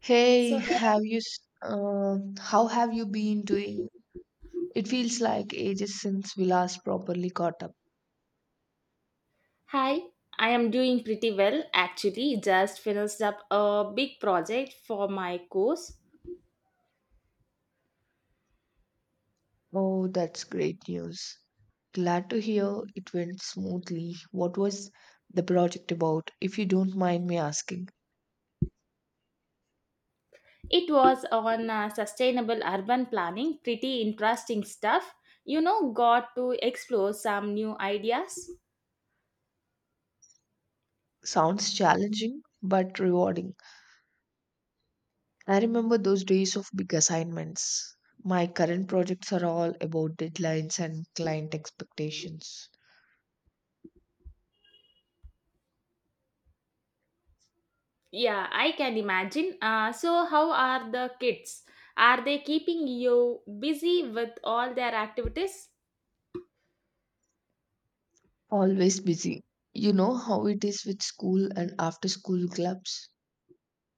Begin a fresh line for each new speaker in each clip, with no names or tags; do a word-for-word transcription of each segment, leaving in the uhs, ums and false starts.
Hey,
So,
have you, s- uh, how have you been doing? It feels like ages since we last properly caught up.
hi, I am doing pretty well actually. Just finished up a big project for my course.
Oh, that's great news. Glad to hear it went smoothly. What was the project about, if you don't mind me asking?
It was on uh, sustainable urban planning, pretty interesting stuff. You know, got to explore some new ideas.
Sounds challenging, but rewarding. I remember those days of big assignments. My current projects are all about deadlines and client expectations.
Yeah, I can imagine. Uh, so, how are the kids? Are they keeping you busy with all their activities?
Always busy. You know how it is with school and after school clubs?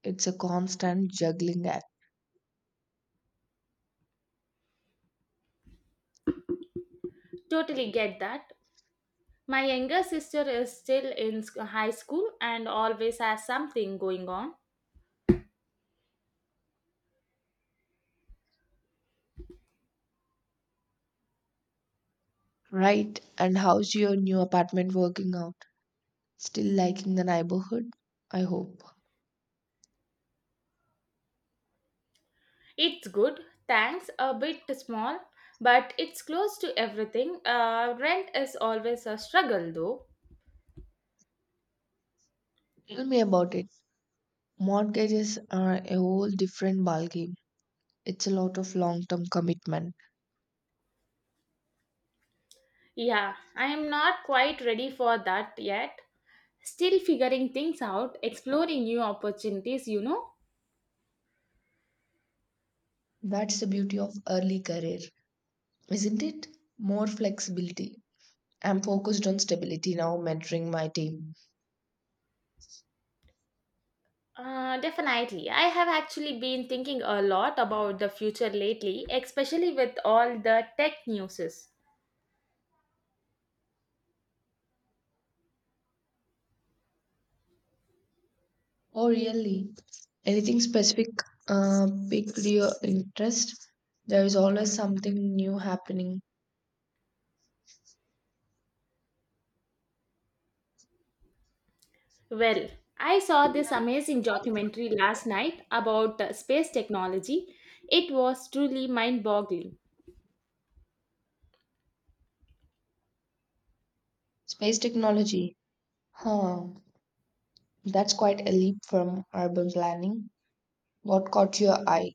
It's a constant juggling act.
Totally get that. My younger sister is still in sc- high school and always has something going on.
Right. And how's your new apartment working out? Still liking the neighborhood? I hope.
It's good, thanks. A bit small, but it's close to everything. Uh, rent is always a struggle, though.
Tell me about it. Mortgages are a whole different ballgame. It's a lot of long term commitment.
Yeah, I am not quite ready for that yet. Still figuring things out, exploring new opportunities, you know?
That's the beauty of early career, isn't it? More flexibility. I'm focused on stability now, mentoring my team.
Uh, definitely. I have actually been thinking a lot about the future lately, especially with all the tech newses.
Oh, really? Anything specific uh, piqued your interest? There is always something new happening.
Well, I saw this amazing documentary last night about uh, space technology. It was truly mind boggling.
Space technology. Huh. That's quite a leap from urban planning. What caught your eye?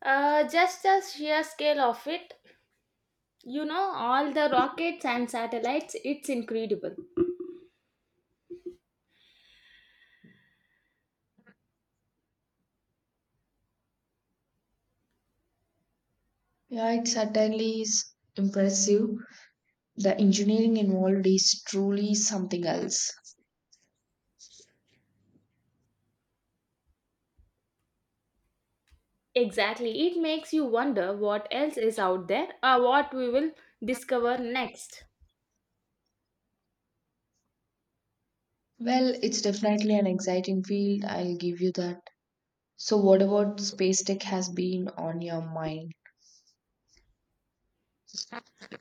Uh, just the sheer scale of it. You know, all the rockets and satellites, it's incredible.
Yeah, it certainly is impressive. The engineering involved is truly something else.
Exactly. It makes you wonder what else is out there or what we will discover next.
Well, it's definitely an exciting field, I'll give you that. So, what about space tech has been on your mind?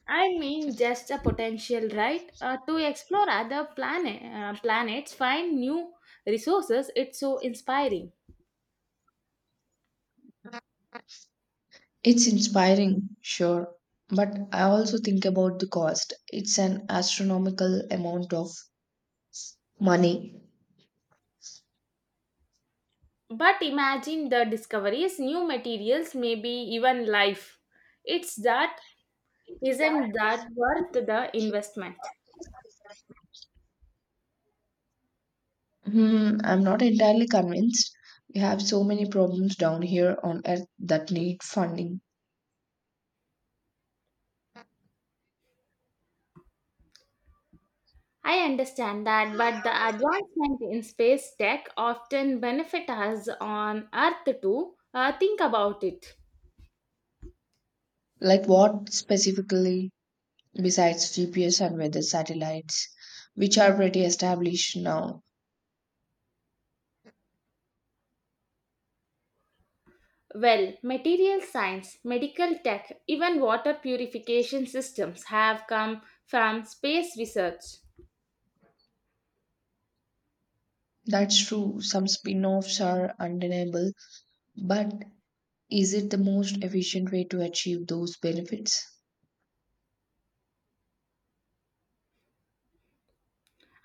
I mean, just a potential, right? Uh, to explore other planet, uh, planets, find new resources, it's so inspiring.
It's inspiring, sure, but I also think about the cost. It's an astronomical amount of money.
But imagine the discoveries, new materials, maybe even life. It's that, isn't that worth the investment?
Hmm, I'm not entirely convinced. We have so many problems down here on Earth that need funding.
I understand that, but the advancement in space tech often benefit us on Earth too. Uh, think about it.
Like what specifically, besides G P S and weather satellites, which are pretty established now?
Well, material science, medical tech, even water purification systems have come from space research.
That's true, some spin offs are undeniable, but is it the most efficient way to achieve those benefits?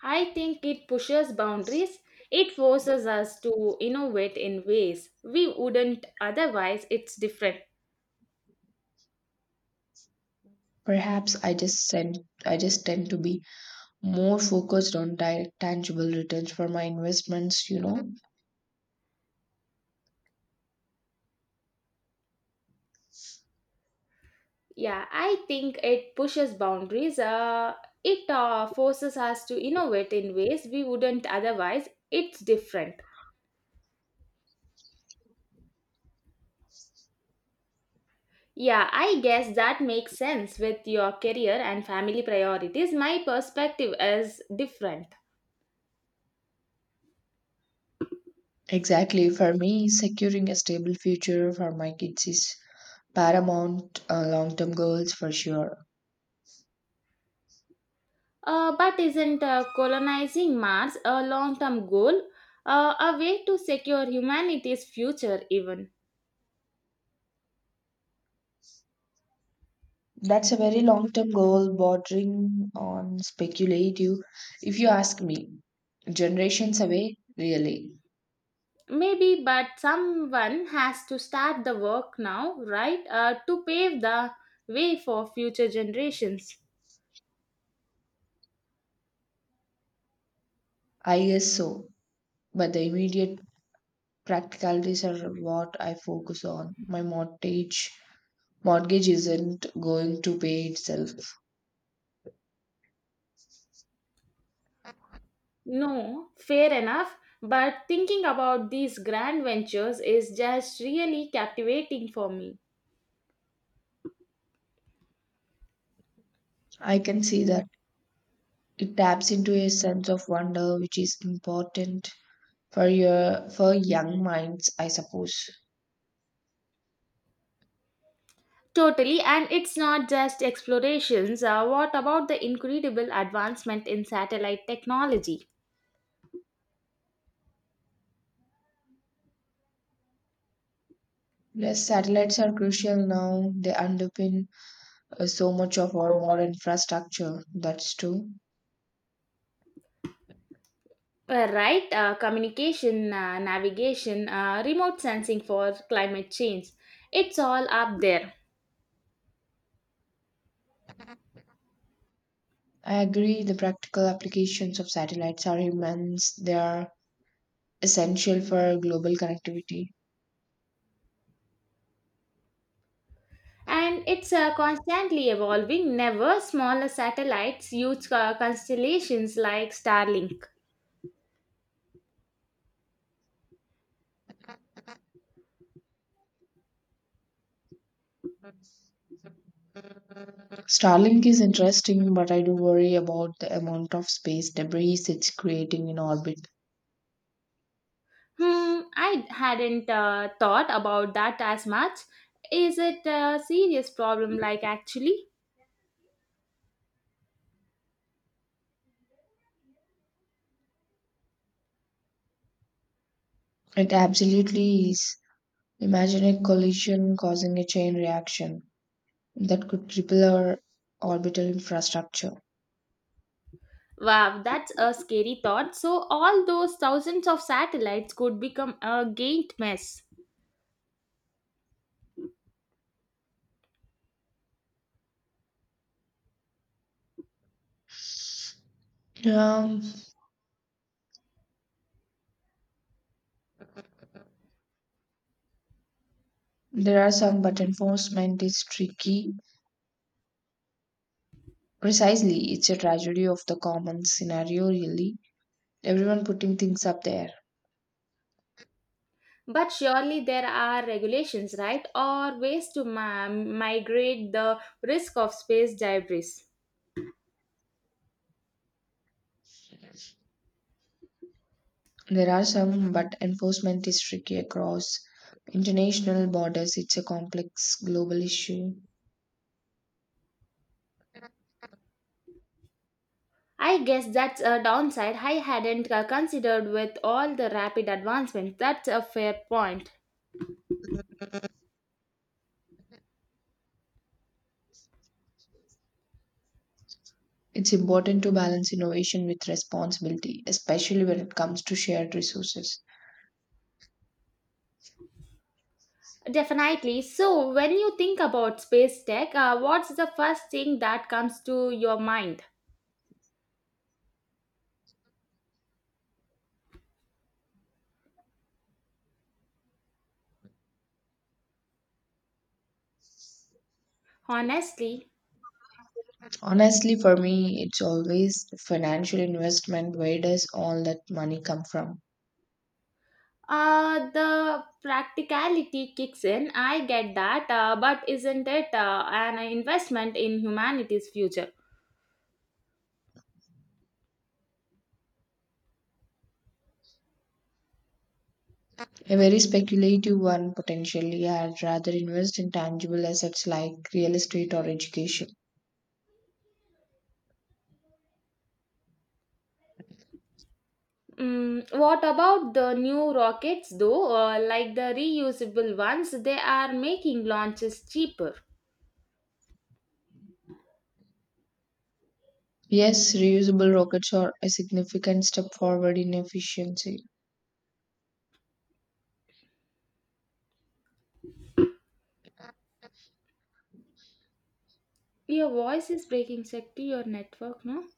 I think it pushes boundaries. It forces us to innovate in ways we wouldn't otherwise. It's different.
Perhaps I just send, I just tend to be more focused on direct tangible returns for my investments, you know.
Yeah, I think it pushes boundaries. Uh, it uh, forces us to innovate in ways we wouldn't otherwise. It's different. Yeah, I guess that makes sense with your career and family priorities. My perspective is different.
Exactly. For me, securing a stable future for my kids is paramount, uh, long-term goals for sure.
Uh, but isn't uh, colonizing Mars a long term goal? Uh, a way to secure humanity's future, even?
That's a very long-term goal bordering on speculative, if you ask me. Generations away, really.
Maybe, but someone has to start the work now, right? Uh, to pave the way for future generations.
I guess so. But the immediate practicalities are what I focus on. My mortgage mortgage isn't going to pay itself.
No, fair enough. But thinking about these grand ventures is just really captivating for me.
I can see that it taps into a sense of wonder which is important for your for young minds, I suppose.
Totally, and it's not just explorations. Uh, what about the incredible advancement in satellite technology?
Yes, satellites are crucial now. They underpin uh, so much of our modern infrastructure. That's true.
Uh, right, uh, communication, uh, navigation, uh, remote sensing for climate change. It's all up there.
I agree. The practical applications of satellites are immense. They are essential for global connectivity.
And it's uh, constantly evolving. Never smaller satellites, huge uh, constellations like Starlink.
Starlink is interesting, but I do worry about the amount of space debris it's creating in orbit.
Hmm, I hadn't uh, thought about that as much. Is it a serious problem, like actually?
It absolutely is. Imagine a collision causing a chain reaction that could cripple our orbital infrastructure.
Wow, that's a scary thought. So, all those thousands of satellites could become a giant mess.
Um, there are some, but enforcement is tricky. Precisely, it's a tragedy of the common scenario, really. Everyone putting things up there.
But surely there are regulations, right? Or ways to ma- migrate the risk of space debris.
There are some, but enforcement is tricky across international borders. It's a complex global issue.
I guess that's a downside I hadn't uh, considered with all the rapid advancements. That's a fair point.
It's important to balance innovation with responsibility, especially when it comes to shared resources.
Definitely. So, when you think about space tech, uh, what's the first thing that comes to your mind? Honestly,
Honestly, for me, it's always financial investment. Where does all that money come from?
uh, the practicality kicks in. I get that, uh, but isn't it uh, an investment in humanity's future?
A very speculative one, potentially. I'd rather invest in tangible assets like real estate or education.
Mm, what about the new rockets though? Uh, like the reusable ones, they are making launches cheaper.
Yes, reusable rockets are a significant step forward in efficiency.
Your voice is breaking, Shakti, your network, no?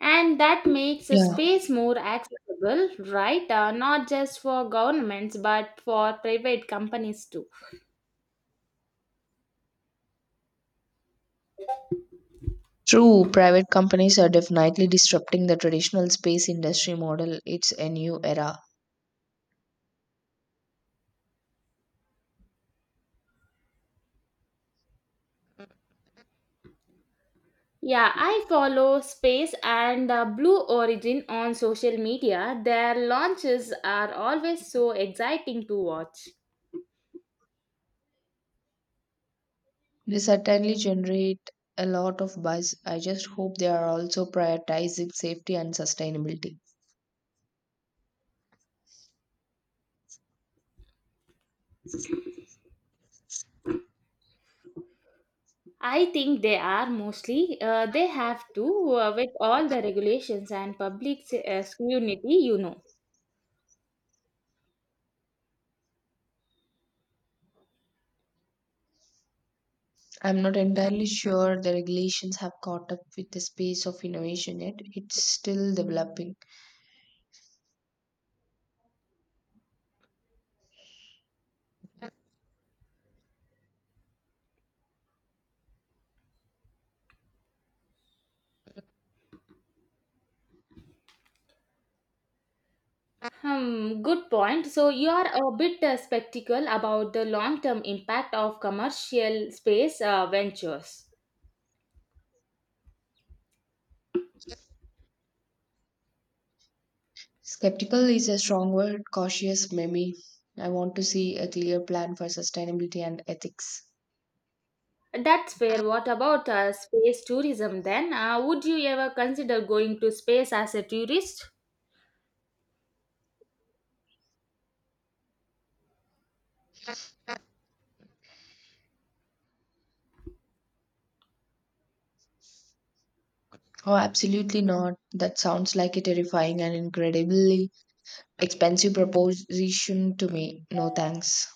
And that makes a
Yeah,
space more accessible, right? Uh, not just for governments, but for private companies too.
true, private companies are definitely disrupting the traditional space industry model. It's a new era.
Yeah, I follow Space and uh, Blue Origin on social media. Their launches are always so exciting to watch.
They certainly generate a lot of buzz. I just hope they are also prioritizing safety and sustainability.
I think they are mostly. Uh, they have to uh, with all the regulations and public s- uh, scrutiny, you know.
I'm not entirely sure the regulations have caught up with the space of innovation yet. It's still developing.
Hmm, good point. So you are a bit uh, skeptical about the long-term impact of commercial space uh, ventures.
Skeptical is a strong word, cautious maybe. I want to see a clear plan for sustainability and ethics.
That's fair. What about uh, space tourism then? Uh, would you ever consider going to space as a tourist?
Oh, absolutely not. That sounds like a terrifying and incredibly expensive proposition to me. No thanks.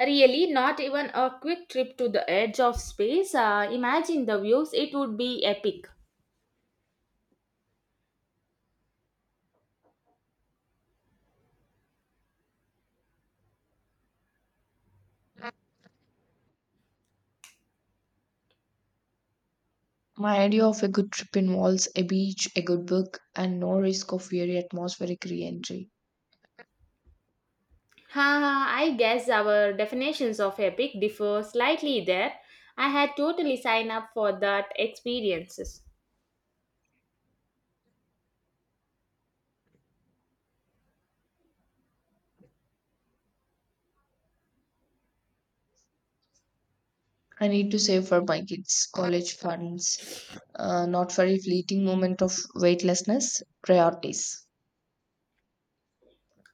Really, not even a quick trip to the edge of space. Uh, imagine the views. It would be epic.
My idea of a good trip involves a beach, a good book, and no risk of weary atmospheric re entry.
Haha, I guess our definitions of epic differ slightly there. I had totally signed up for that experiences.
I need to save for my kids' college funds, uh, not for a fleeting moment of weightlessness. Priorities.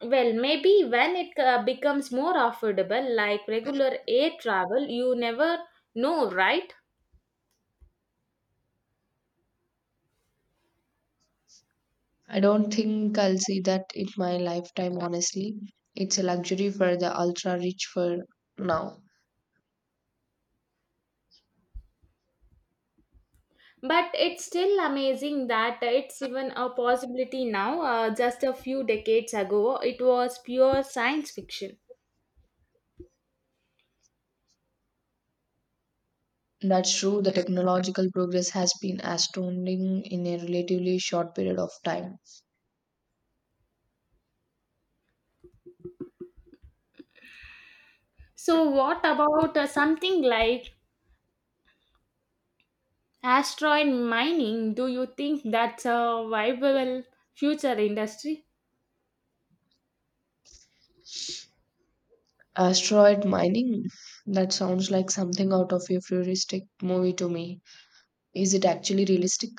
Well, maybe when it uh, becomes more affordable, like regular air travel, you never know, right?
I don't think I'll see that in my lifetime, honestly. It's a luxury for the ultra rich for now.
But it's still amazing that it's even a possibility now. Uh, just a few decades ago, it was pure science fiction.
That's true, the technological progress has been astounding in a relatively short period of time.
So, what about uh, something like asteroid mining, do you think that's a viable future industry?
Asteroid mining? That sounds like something out of a futuristic movie to me. Is it actually realistic?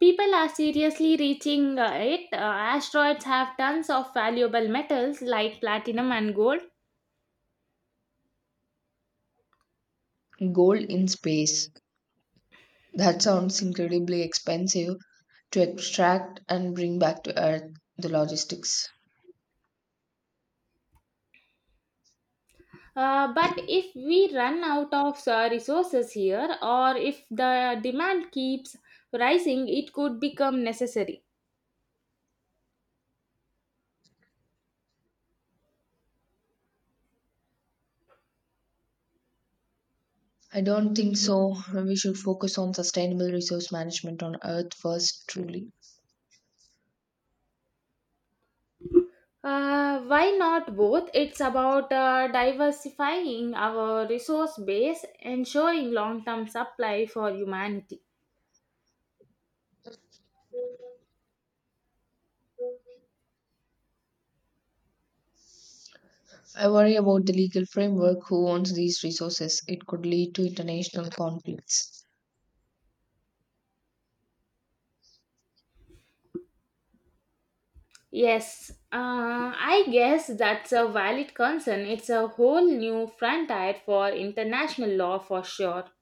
People are seriously reaching uh, it. Uh, asteroids have tons of valuable metals like platinum and gold.
Gold in space. That sounds incredibly expensive to extract and bring back to Earth. The logistics.
Uh, but if we run out of uh, resources here, or if the demand keeps rising, it could become necessary.
I don't think so. We should focus on sustainable resource management on Earth first, truly.
Uh, why not both? It's about uh, diversifying our resource base, ensuring long term supply for humanity.
I worry about the legal framework who owns these resources. It could lead to international conflicts.
Yes, uh, I guess that's a valid concern. It's a whole new frontier for international law for sure.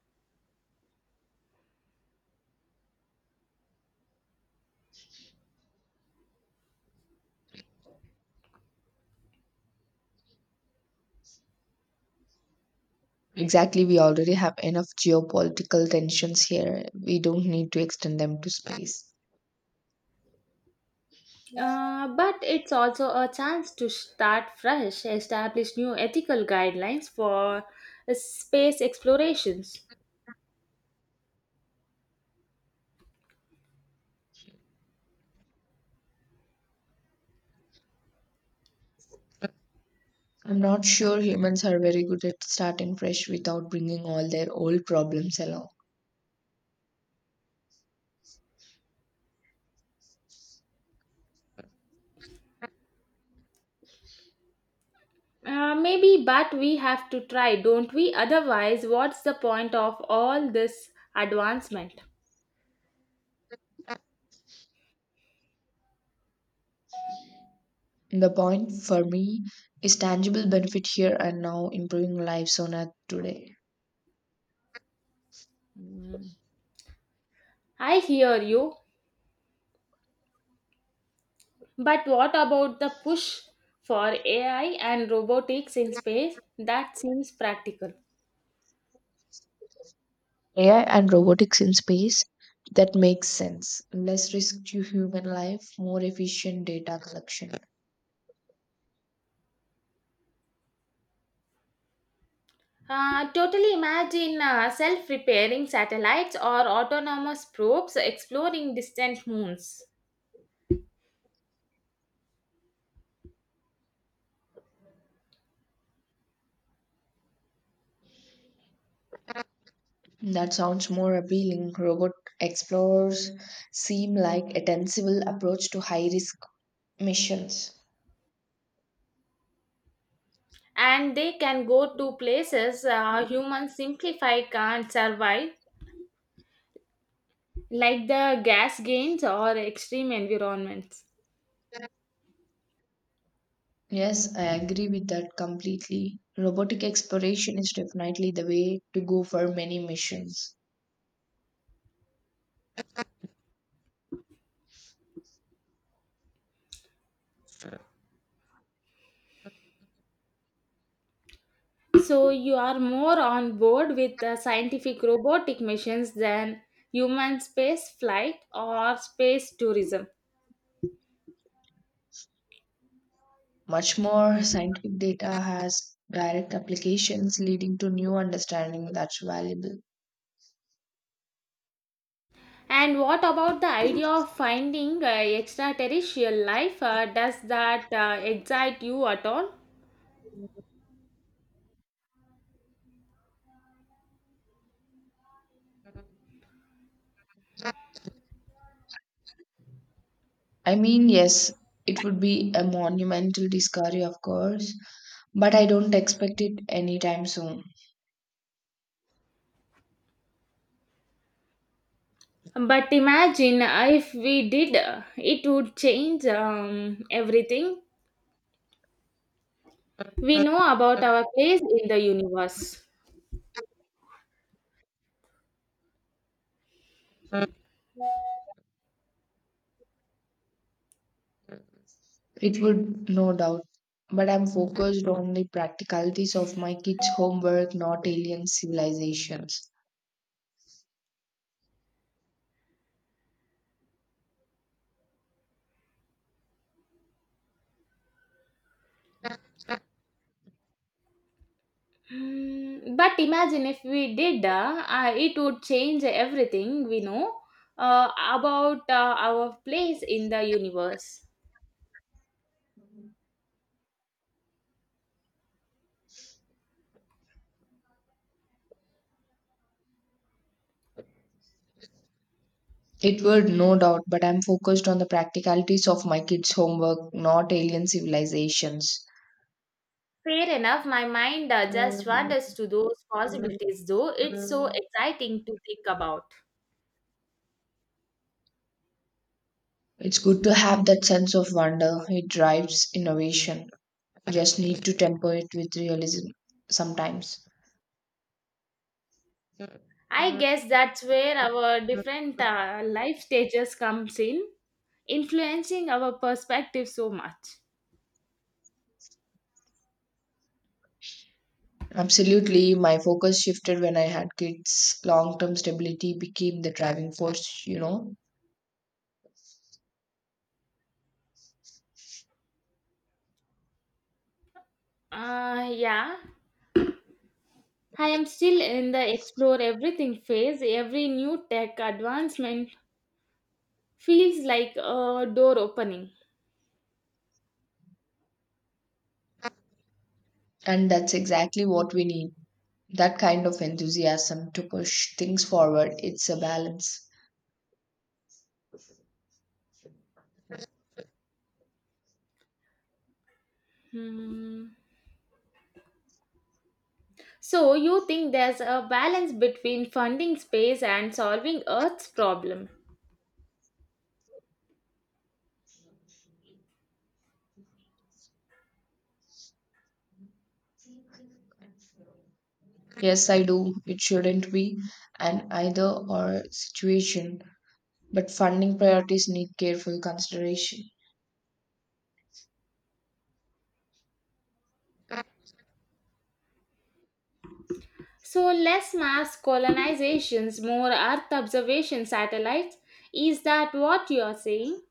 Exactly, we already have enough geopolitical tensions here. We don't need to extend them to space.
Uh, but it's also a chance to start fresh, establish new ethical guidelines for uh, space explorations.
I'm not sure humans are very good at starting fresh without bringing all their old problems along.
Uh, maybe, but we have to try, don't we? Otherwise, what's the point of all this advancement?
The point for me is tangible benefit here and now improving lives on Earth today.
I hear you. But what about the push for A I and robotics in space? That seems practical.
A I and robotics in space, that makes sense. Less risk to human life, more efficient data collection.
Uh, totally imagine uh, self repairing satellites or autonomous probes exploring distant moons.
That sounds more appealing. Robot explorers seem like a sensible approach to high risk missions.
And they can go to places uh, humans simplified can't survive, like the gas gains or extreme environments.
Yes, I agree with that completely. Robotic exploration is definitely the way to go for many missions.
So you are more on board with the scientific robotic missions than human space flight or space tourism.
Much more scientific data has direct applications leading to new understanding that's valuable.
And what about the idea of finding uh, extraterrestrial life? Uh, does that uh, excite you at all?
I mean, yes, it would be a monumental discovery, of course, but I don't expect it anytime soon.
But imagine uh, if we did, uh, it would change um, everything we know about our place in the universe.
It would, no doubt. But I'm focused on the practicalities of my kids' homework, not alien civilizations.
Mm, but imagine if we did, uh, uh, it would change everything we know uh, about uh, our place in the universe.
It would, no doubt, but I'm focused on the practicalities of my kids' homework, not alien civilizations.
Fair enough, my mind uh, just wanders to those possibilities, though it's so exciting to think about.
It's good to have that sense of wonder. It drives innovation. Just need to temper it with realism sometimes.
I guess that's where our different uh, life stages comes in, influencing our perspective so much.
Absolutely, my focus shifted when I had kids. Long term stability became the driving force, you know,
Uh, yeah. I am still in the explore everything phase. Every new tech advancement feels like a door opening.
and that's exactly what we need, that kind of enthusiasm to push things forward. It's a balance.
Hmm. So, you think there's a balance between funding space and solving Earth's problem?
Yes, I do. It shouldn't be an either or situation, but funding priorities need careful consideration.
So, less mass colonizations, more Earth observation satellites. Is that what you are saying?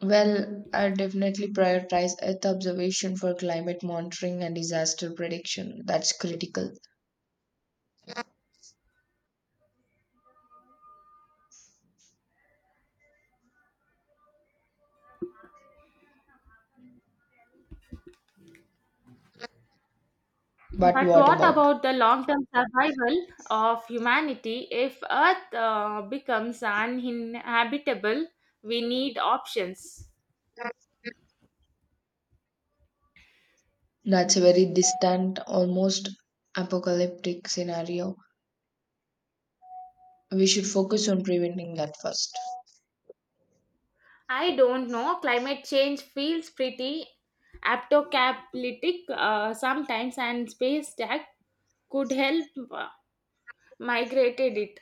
Well, I definitely prioritize Earth observation for climate monitoring and disaster prediction. That's critical. But
But
what
what
about?
about the long term survival of humanity if Earth uh, becomes uninhabitable? We need options.
That's a very distant, almost apocalyptic scenario. We should focus on preventing that first.
I don't know. Climate change feels pretty apocalyptic uh, sometimes, and space tech could help uh, migrated it.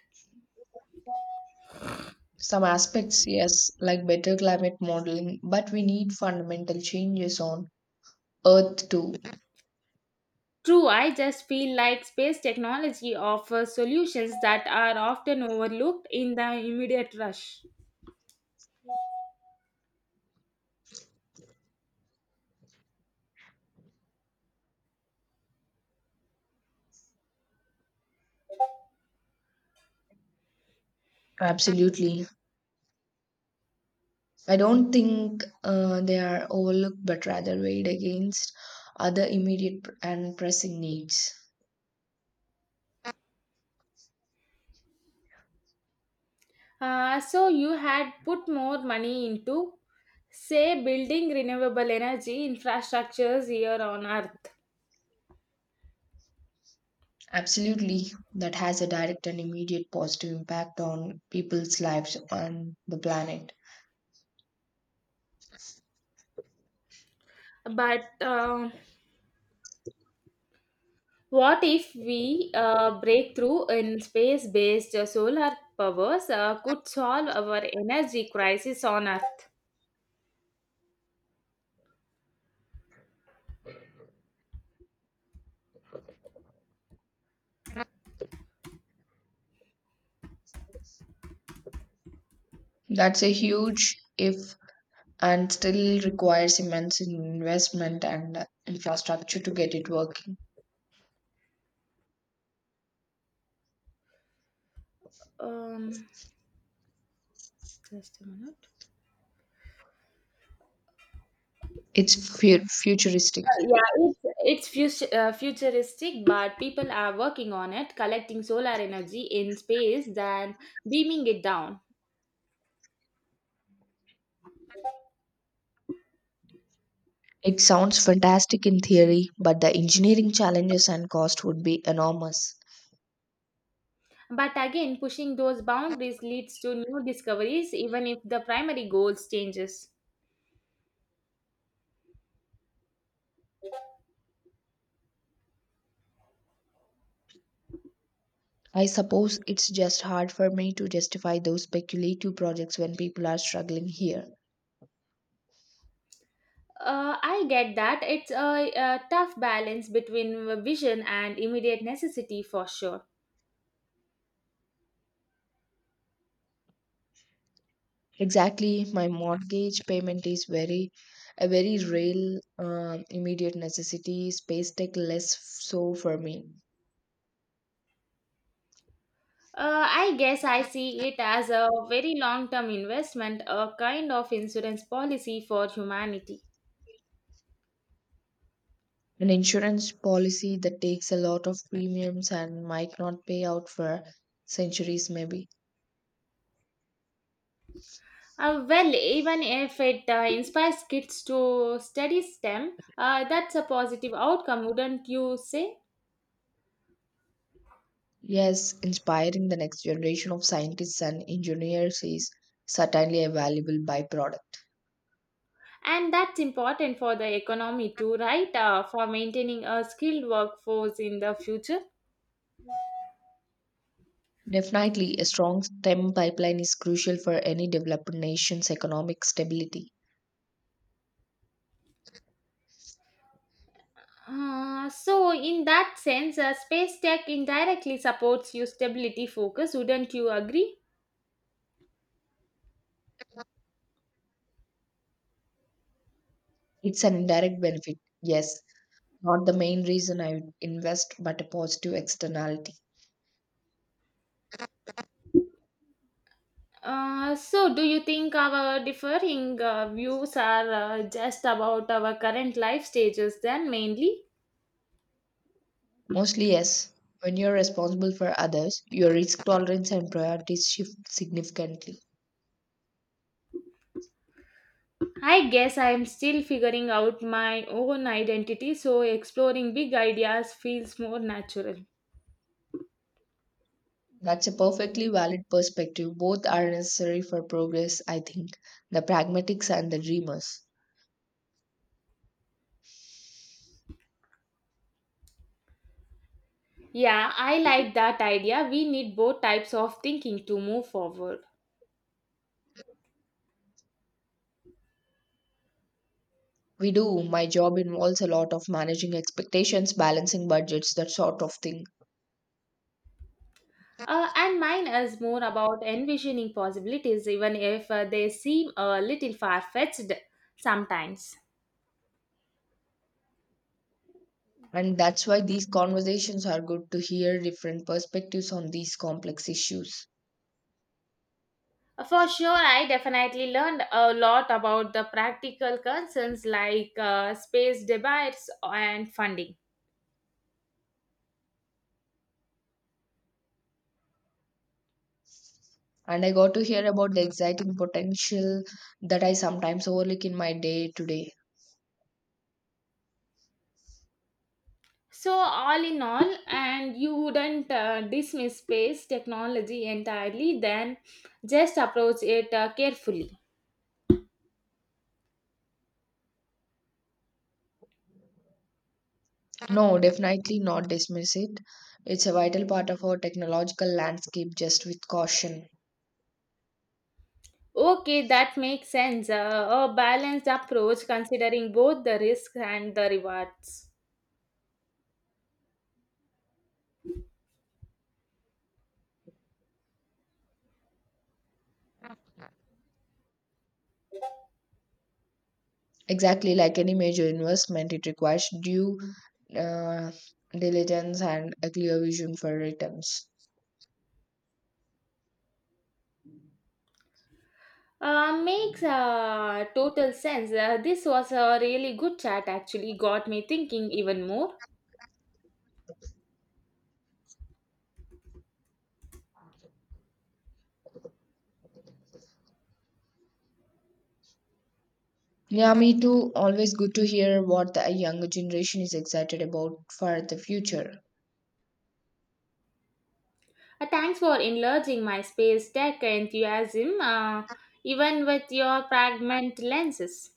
Some aspects, yes, like better climate modeling, but we need fundamental changes on Earth too.
True, I just feel like space technology offers solutions that are often overlooked in the immediate rush.
Absolutely. I don't think uh, they are overlooked, but rather weighed against other immediate and pressing needs.
Uh, so you had put more money into, say, building renewable energy infrastructures here on Earth,
Absolutely, that has a direct and immediate positive impact on people's lives and the planet.
but. Uh, What if we uh, breakthrough in space-based solar powers uh, could solve our energy crisis on Earth?
That's a huge if and still requires immense investment and uh, infrastructure to get it working.
Um, Just a minute.
It's fu- futuristic.
Uh, yeah, it's, it's futu- uh, futuristic, but people are working on it, collecting solar energy in space, then beaming it down.
It sounds fantastic in theory, but the engineering challenges and cost would be enormous.
But again, pushing those boundaries leads to new discoveries, even if the primary goals changes.
I suppose it's just hard for me to justify those speculative projects when people are struggling here.
Uh, I get that. It's a, a tough balance between vision and immediate necessity for sure.
Exactly, my mortgage payment is very a very real, uh, immediate necessity, space tech less so for me.
Uh, I guess I see it as a very long term investment, a kind of insurance policy for humanity.
An insurance policy that takes a lot of premiums and might not pay out for centuries, maybe.
Uh, well, even if it uh, inspires kids to study STEM, uh, that's a positive outcome, wouldn't you say?
Yes, inspiring the next generation of scientists and engineers is certainly a valuable byproduct.
And that's important for the economy too, right? Uh, for maintaining a skilled workforce in the future.
Definitely, a strong STEM pipeline is crucial for any developed nation's economic stability.
Uh, so in that sense, uh, space tech indirectly supports your stability focus, wouldn't you agree?
It's an indirect benefit, yes, not the main reason I would invest, but a positive externality.
Uh, so do you think our differing uh, views are uh, just about our current life stages then mainly?
Mostly, yes. When you're responsible for others, your risk tolerance and priorities shift significantly.
I guess I am still figuring out my own identity, so exploring big ideas feels more natural.
That's a perfectly valid perspective. Both are necessary for progress, I think. The pragmatics and the dreamers.
Yeah, I like that idea. We need both types of thinking to move forward.
We do. My job involves a lot of managing expectations, balancing budgets, that sort of thing.
Uh, and mine is more about envisioning possibilities, even if uh, they seem a little far fetched sometimes.
And that's why these conversations are good to hear different perspectives on these complex issues.
Uh, For sure, I definitely learned a lot about the practical concerns like uh, space debates and funding.
And I got to hear about the exciting potential that I sometimes overlook in my day to day.
So, all in all, and you wouldn't uh, dismiss space technology entirely, then just approach it uh, carefully.
No, definitely not dismiss it. It's a vital part of our technological landscape, just with caution.
Okay, that makes sense. Uh, a balanced approach considering both the risks and the rewards.
Exactly, like any major investment, it requires due uh, diligence and a clear vision for returns.
Uh, makes uh, total sense. Uh, this was a really good chat, actually, got me thinking even more.
Yeah, me too. Always good to hear what the younger generation is excited about for the future.
Uh, thanks for enlarging my space tech enthusiasm, uh, even with your fragment lenses.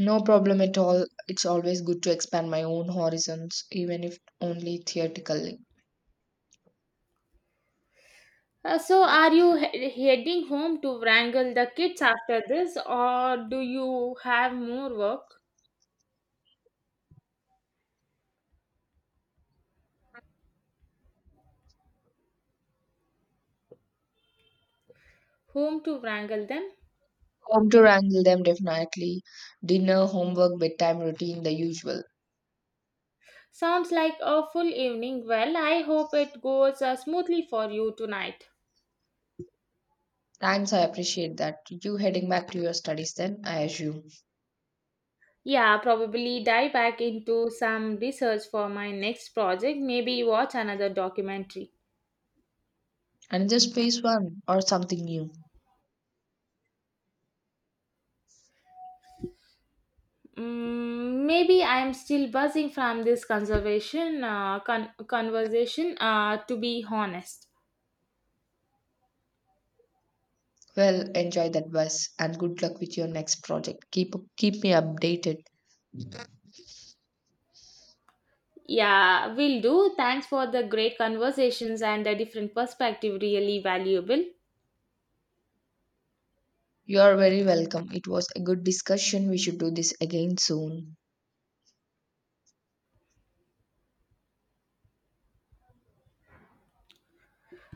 No problem at all. It's always good to expand my own horizons, even if only theoretically.
Uh, so, are you he- heading home to wrangle the kids after this, or do you have more work home to wrangle them?
Wrangle them definitely. Dinner, homework, bedtime routine, the usual.
Sounds like a full evening. Well, I hope it goes uh, smoothly for you tonight.
Thanks, I appreciate that. You heading back to your studies then, I assume.
Yeah, probably dive back into some research for my next project. Maybe watch another documentary.
And just phase one or something new.
Mm, maybe I'm still buzzing from this conservation uh, con- conversation, uh, to be honest.
Well, enjoy that bus and good luck with your next project. Keep keep me updated.
Yeah, will do. Thanks for the great conversations and the different perspective. Really valuable.
You are very welcome. It was a good discussion. We should do this again soon.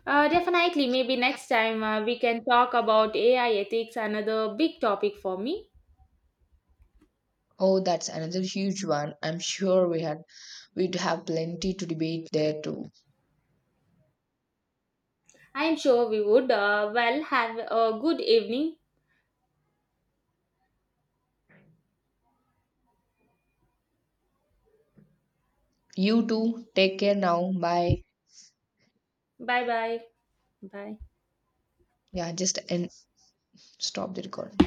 Uh, definitely, maybe next time uh, we can talk about A I ethics, another big topic for me.
Oh, that's another huge one. I'm sure we had we'd have plenty to debate there too.
I am sure we would. Uh, well, have a good evening.
You too. Take care now. Bye.
Bye bye. Bye.
Yeah, just end. Stop the recording.